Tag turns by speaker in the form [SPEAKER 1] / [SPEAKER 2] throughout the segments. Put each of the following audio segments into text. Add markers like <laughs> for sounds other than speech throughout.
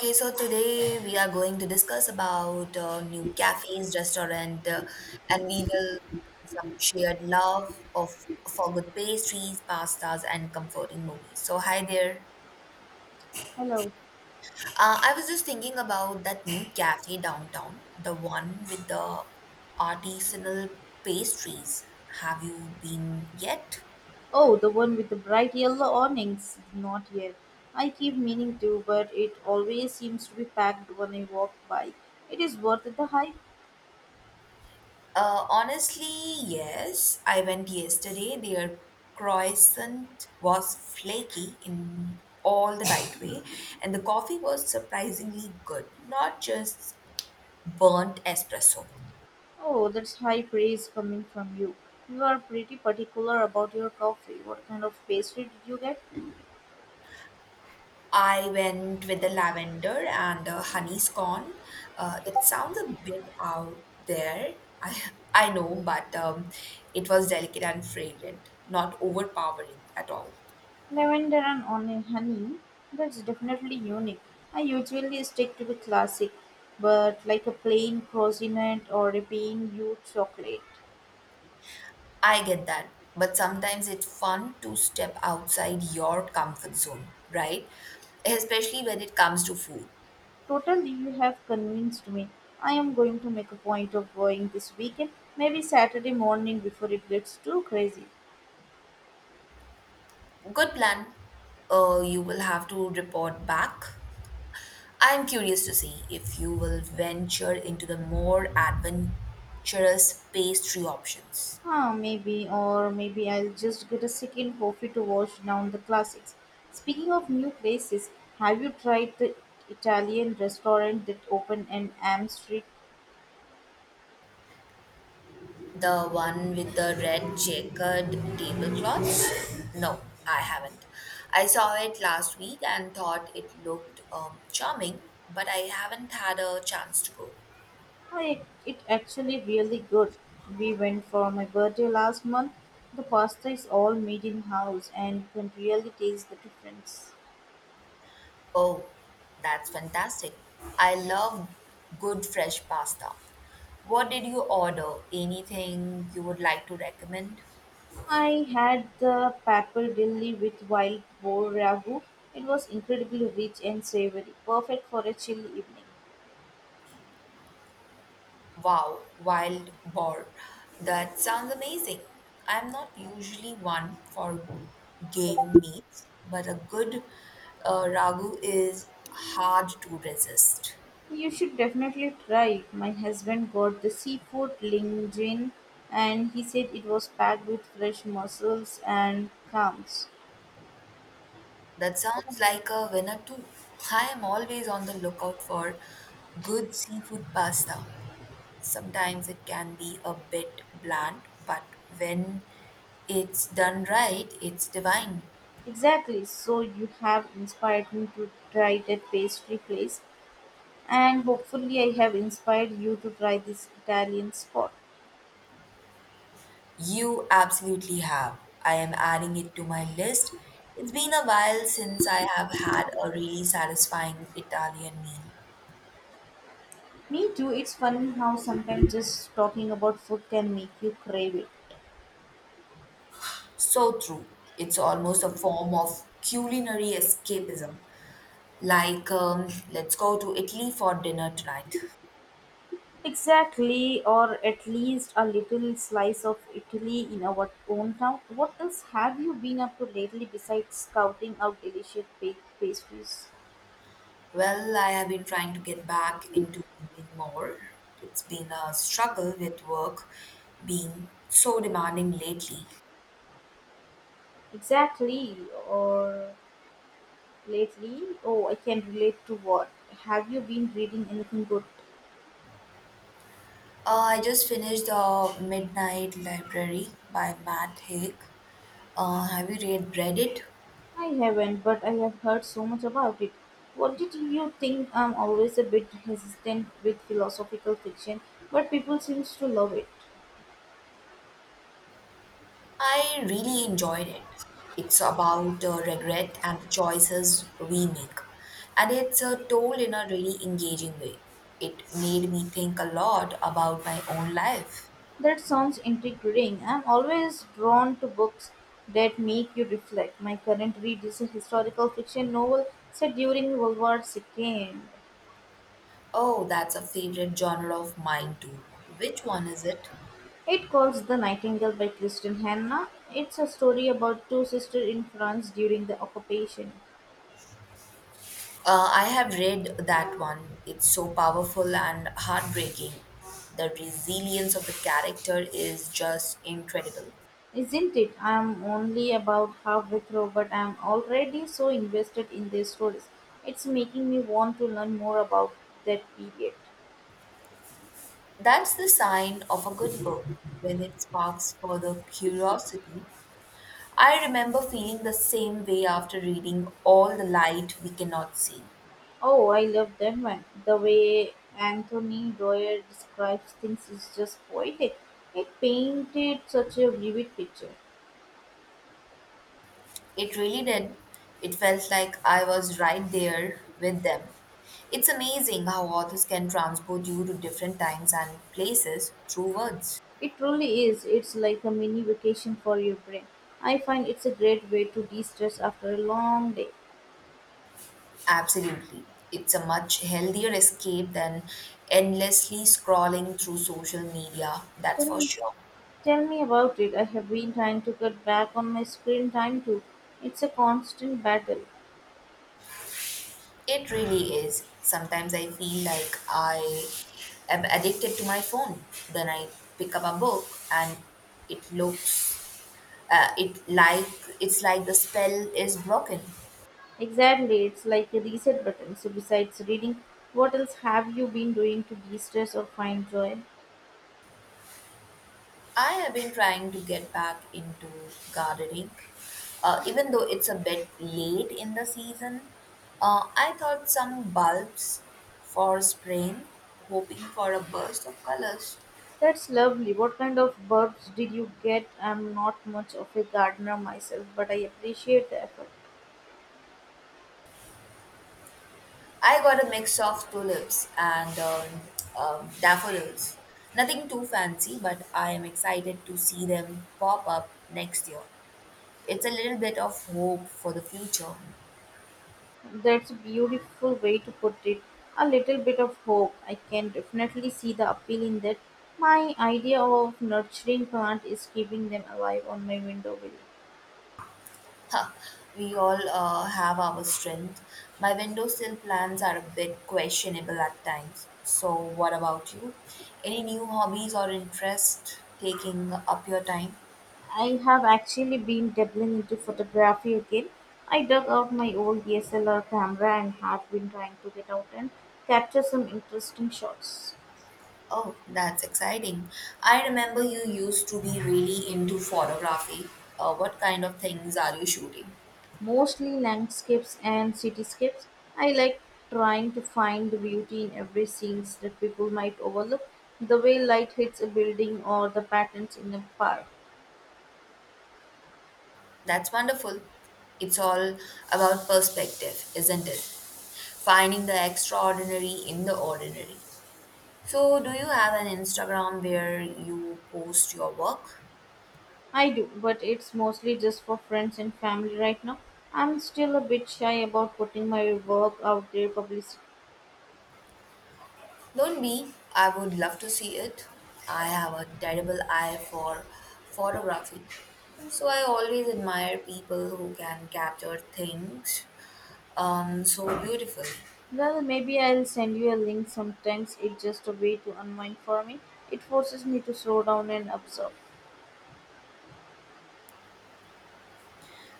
[SPEAKER 1] Okay, so today we are going to discuss about new cafes, restaurant, and we will some shared love of for good pastries, pastas, and comforting movies. So hi there.
[SPEAKER 2] Hello.
[SPEAKER 1] I was just thinking about that new cafe downtown, the one with the artisanal pastries. Have you been yet?
[SPEAKER 2] Oh, the one with the bright yellow awnings. Not yet. I keep meaning to, but it always seems to be packed when I walk by. It is worth the hype.
[SPEAKER 1] Honestly, yes. I went yesterday. Their croissant was flaky in all the right way, <laughs> and the coffee was surprisingly good, not just burnt espresso.
[SPEAKER 2] Oh, that's high praise coming from you. You are pretty particular about your coffee. What kind of pastry did you get?
[SPEAKER 1] I went with the lavender and the honey scone. It sounds a bit out there, I, I know, but it was delicate and fragrant, not overpowering at all.
[SPEAKER 2] Lavender and onion honey. That's definitely unique. I usually stick to the classic, but like a plain croissant or a plain hue chocolate.
[SPEAKER 1] I get that, but sometimes it's fun to step outside your comfort zone, right? Especially when it comes to food.
[SPEAKER 2] Totally, you have convinced me. I am going to make a point of going this weekend, maybe Saturday morning before it gets too crazy.
[SPEAKER 1] Good plan. You will have to report back. I'm curious to see if you will venture into the more adventurous pastry options.
[SPEAKER 2] Ah, maybe, or maybe I'll just get a second coffee to wash down the classics. Speaking of new places, have you tried the Italian restaurant that opened in Am Street?
[SPEAKER 1] The one with the red checkered tablecloths? No, I haven't. I saw it last week and thought it looked charming, but I haven't had a chance to go.
[SPEAKER 2] I, it actually really good. We went for my birthday last month. The pasta is all made in house and you can really taste the difference.
[SPEAKER 1] Oh, that's fantastic. I love good fresh pasta. What did you order? Anything you would like to recommend?
[SPEAKER 2] I had the papal dilly with wild boar ragu. It was incredibly rich and savory, perfect for a chill evening.
[SPEAKER 1] Wow, wild boar. That sounds amazing. I'm not usually one for game meats, but a good ragu is hard to resist.
[SPEAKER 2] You should definitely try it. My husband got the seafood linguine and he said it was packed with fresh mussels and clams.
[SPEAKER 1] That sounds like a winner too. I am always on the lookout for good seafood pasta. Sometimes it can be a bit bland, but when it's done right, it's divine.
[SPEAKER 2] Exactly, so you have inspired me to try that pastry place and hopefully I have inspired you to try this Italian spot.
[SPEAKER 1] You absolutely have. I am adding it to my list. It's been a while since I have had a really satisfying Italian meal.
[SPEAKER 2] Me too. It's funny how sometimes just talking about food can make you crave it.
[SPEAKER 1] So true. It's almost a form of culinary escapism. Like, let's go to Italy for dinner tonight.
[SPEAKER 2] Exactly, or at least a little slice of Italy in our own town. What else have you been up to lately besides scouting out delicious baked pastries?
[SPEAKER 1] Well, I have been trying to get back into reading more. It's been a struggle with work being so demanding lately.
[SPEAKER 2] Exactly, or lately? Oh, I can relate to what. Have you been reading anything good?
[SPEAKER 1] I just finished The Midnight Library by Matt Haig. Uh, have you read it?
[SPEAKER 2] I haven't, but I have heard so much about it. What did you think? I'm always a bit hesitant with philosophical fiction, but people seem to love it.
[SPEAKER 1] I really enjoyed it. It's about regret and the choices we make, and it's told in a really engaging way. It made me think a lot about my own life.
[SPEAKER 2] That sounds intriguing. I'm always drawn to books that make you reflect. My current read is a historical fiction novel set during World War II.
[SPEAKER 1] Oh, that's a favorite genre of mine too. Which one is it?
[SPEAKER 2] It calls The Nightingale by Kristen Hanna. It's a story about two sisters in France during the occupation.
[SPEAKER 1] I have read that one. It's so powerful and heartbreaking. The resilience of the character is just incredible.
[SPEAKER 2] Isn't it? I'm only about halfway through, but I'm already so invested in their stories. It's making me want to learn more about that period.
[SPEAKER 1] That's the sign of a good book when it sparks further curiosity. I remember feeling the same way after reading All the Light We Cannot See.
[SPEAKER 2] Oh, I love that one. The way Anthony Doyer describes things is just poetic. It painted such a vivid picture.
[SPEAKER 1] It really did. It felt like I was right there with them. It's amazing how authors can transport you to different times and places through words.
[SPEAKER 2] It really is. It's like a mini vacation for your brain. I find it's a great way to de stress after a long day.
[SPEAKER 1] Absolutely. It's a much healthier escape than endlessly scrolling through social media, that's
[SPEAKER 2] Tell
[SPEAKER 1] for
[SPEAKER 2] me
[SPEAKER 1] sure.
[SPEAKER 2] Tell me about it. I have been trying to cut back on my screen time too. It's a constant battle.
[SPEAKER 1] It really is. Sometimes I feel like I am addicted to my phone. Then I pick up a book and it looks uh, it like it's like the spell is broken.
[SPEAKER 2] Exactly, it's like a reset button. So, besides reading, what else have you been doing to de stress or find joy?
[SPEAKER 1] I have been trying to get back into gardening, even though it's a bit late in the season. I thought some bulbs for spring, hoping for a burst of colors.
[SPEAKER 2] That's lovely. What kind of bulbs did you get? I'm not much of a gardener myself, but I appreciate the effort.
[SPEAKER 1] I got a mix of tulips and daffodils. Nothing too fancy, but I am excited to see them pop up next year. It's a little bit of hope for the future.
[SPEAKER 2] That's a beautiful way to put it. A little bit of hope. I can definitely see the appeal in that. My idea of nurturing plant is keeping them alive on my window wheel.
[SPEAKER 1] Ha, we all have our strength. My windowsill plans are a bit questionable at times. So, what about you? Any new hobbies or interests taking up your time?
[SPEAKER 2] I have actually been dabbling into photography again. I dug out my old DSLR camera and have been trying to get out and capture some interesting shots.
[SPEAKER 1] Oh, that's exciting. I remember you used to be really into photography. What kind of things are you shooting?
[SPEAKER 2] Mostly landscapes and cityscapes. I like trying to find the beauty in every scenes that people might overlook. The way light hits a building or the patterns in a park.
[SPEAKER 1] That's wonderful. It's all about perspective, isn't it? Finding the extraordinary in the ordinary. So, do you have an Instagram where you post your work?
[SPEAKER 2] I do, but it's mostly just for friends and family right now. I'm still a bit shy about putting my work out there publicly.
[SPEAKER 1] Don't be. I would love to see it. I have a terrible eye for photography. So, I always admire people who can capture things so beautifully.
[SPEAKER 2] Well, maybe I'll send you a link. Sometimes it's just a way to unwind for me. It forces me to slow down and observe.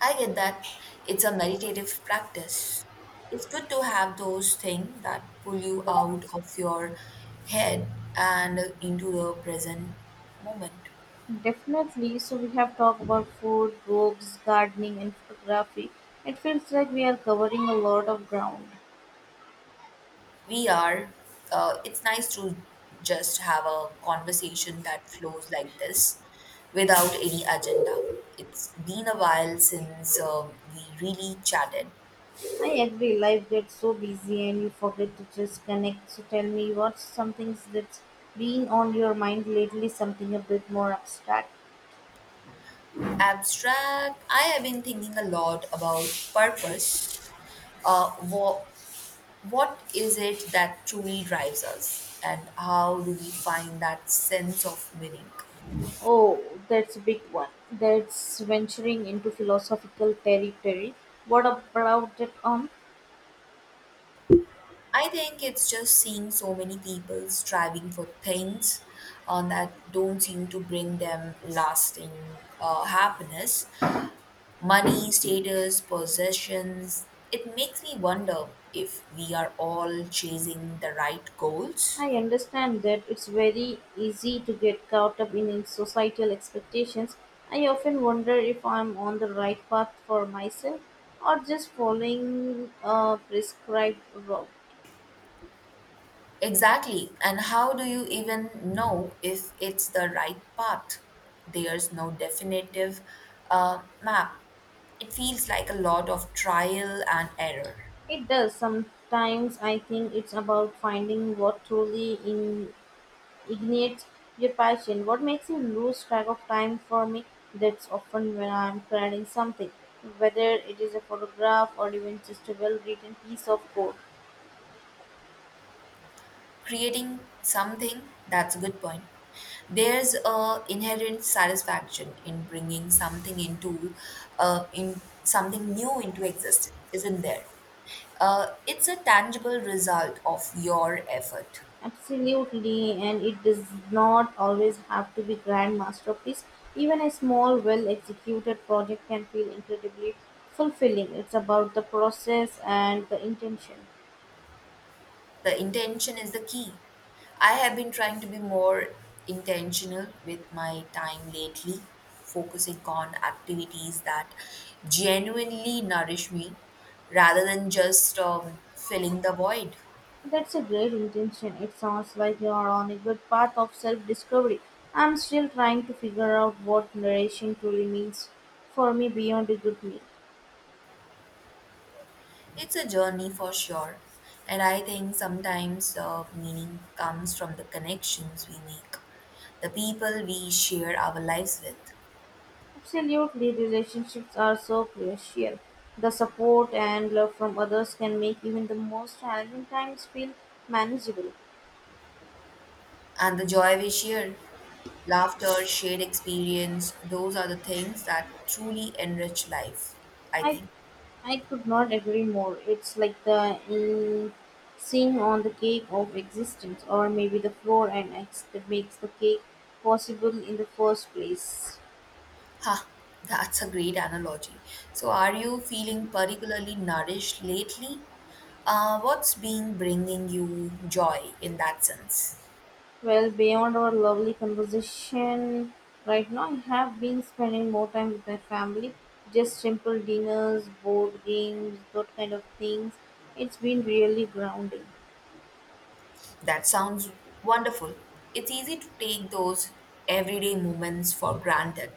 [SPEAKER 1] I get that it's a meditative practice. It's good to have those things that pull you out of your head and into the present moment.
[SPEAKER 2] Definitely. So we have talked about food, books, gardening, and photography. It feels like we are covering a lot of ground.
[SPEAKER 1] We are, it's nice to just have a conversation that flows like this without any agenda. It's been a while since we really chatted.
[SPEAKER 2] I agree. Life gets so busy, and you forget to just connect. So tell me, what's something that's been on your mind lately? Something a bit more abstract.
[SPEAKER 1] Abstract, I have been thinking a lot about purpose. Uh, what what is it that truly drives us and how do we find that sense of meaning?
[SPEAKER 2] Oh, that's a big one. That's venturing into philosophical territory. What about that?
[SPEAKER 1] I think it's just seeing so many people striving for things that don't seem to bring them lasting happiness, money, status, possessions. It makes me wonder if we are all chasing the right goals.
[SPEAKER 2] I understand that it's very easy to get caught up in societal expectations. I often wonder if I'm on the right path for myself or just following a prescribed route.
[SPEAKER 1] Exactly. And how do you even know if it's the right path? There's no definitive map. It feels like a lot of trial and error.
[SPEAKER 2] It does. Sometimes I think it's about finding what truly ignites your passion. What makes you lose track of time for me? That's often when I'm creating something, whether it is a photograph or even just a well written piece of code.
[SPEAKER 1] Creating something, that's a good point. There's a inherent satisfaction in bringing something into in something new into existence, isn't there? It's a tangible result of your effort.
[SPEAKER 2] Absolutely, and it does not always have to be grand masterpiece. Even a small, well executed project can feel incredibly fulfilling. It's about the process and the intention.
[SPEAKER 1] The intention is the key. I have been trying to be more intentional with my time lately, focusing on activities that genuinely nourish me rather than just filling the void.
[SPEAKER 2] That's a great intention. It sounds like you are on a good path of self discovery. I'm still trying to figure out what narration truly means for me beyond a good meal.
[SPEAKER 1] It's a journey for sure, and I think sometimes meaning comes from the connections we make, the people we share our lives with.
[SPEAKER 2] Absolutely, relationships are so crucial. The support and love from others can make even the most challenging times feel manageable.
[SPEAKER 1] And the joy we shared, laughter, shared experience, those are the things that truly enrich life, I
[SPEAKER 2] I
[SPEAKER 1] think.
[SPEAKER 2] I could not agree more. It's like the seam on the cake of existence, or maybe the floor and eggs that makes the cake possible in the first place.
[SPEAKER 1] Ha, that's a great analogy. So, are you feeling particularly nourished lately? What's been bringing you joy in that sense?
[SPEAKER 2] Well, beyond our lovely conversation right now, I have been spending more time with my family. Just simple dinners, board games, that kind of things. It's been really grounding.
[SPEAKER 1] That sounds wonderful. It's easy to take those everyday moments for granted,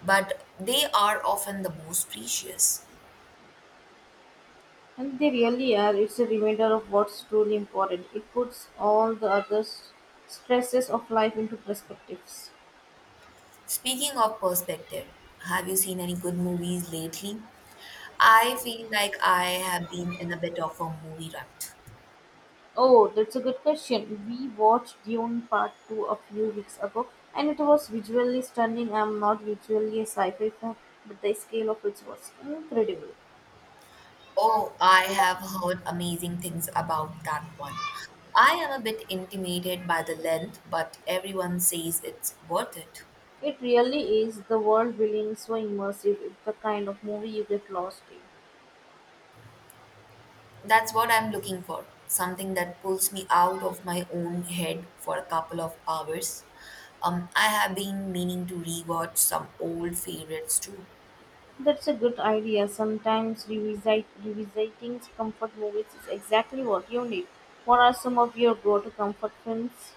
[SPEAKER 1] but they are often the most precious.
[SPEAKER 2] And they really are. It's a reminder of what's truly important. It puts all the other stresses of life into perspectives.
[SPEAKER 1] Speaking of perspective, have you seen any good movies lately? I feel like I have been in a bit of a movie rut.
[SPEAKER 2] Oh, that's a good question. We watched Dune Part 2 a few weeks ago, and it was visually stunning. I'm not visually a sci fi fan, but the scale of it was incredible.
[SPEAKER 1] Oh, I have heard amazing things about that one. I am a bit intimidated by the length, but everyone says it's worth it.
[SPEAKER 2] It really is the world building is so immersive, it's the kind of movie you get lost in.
[SPEAKER 1] That's what I'm looking for, something that pulls me out of my own head for a couple of hours. I have been meaning to rewatch some old favorites too.
[SPEAKER 2] That's a good idea. Sometimes revisiting comfort movies is exactly what you need. What are some of your go to comfort films?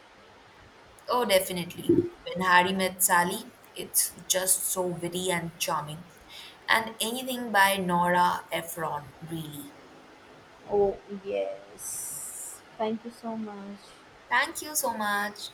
[SPEAKER 1] Oh, definitely. When Harry Met Sally, it's just so witty and charming. And anything by Nora Ephron, really.
[SPEAKER 2] Oh, yes. Thank you so much.
[SPEAKER 1] Thank you so much.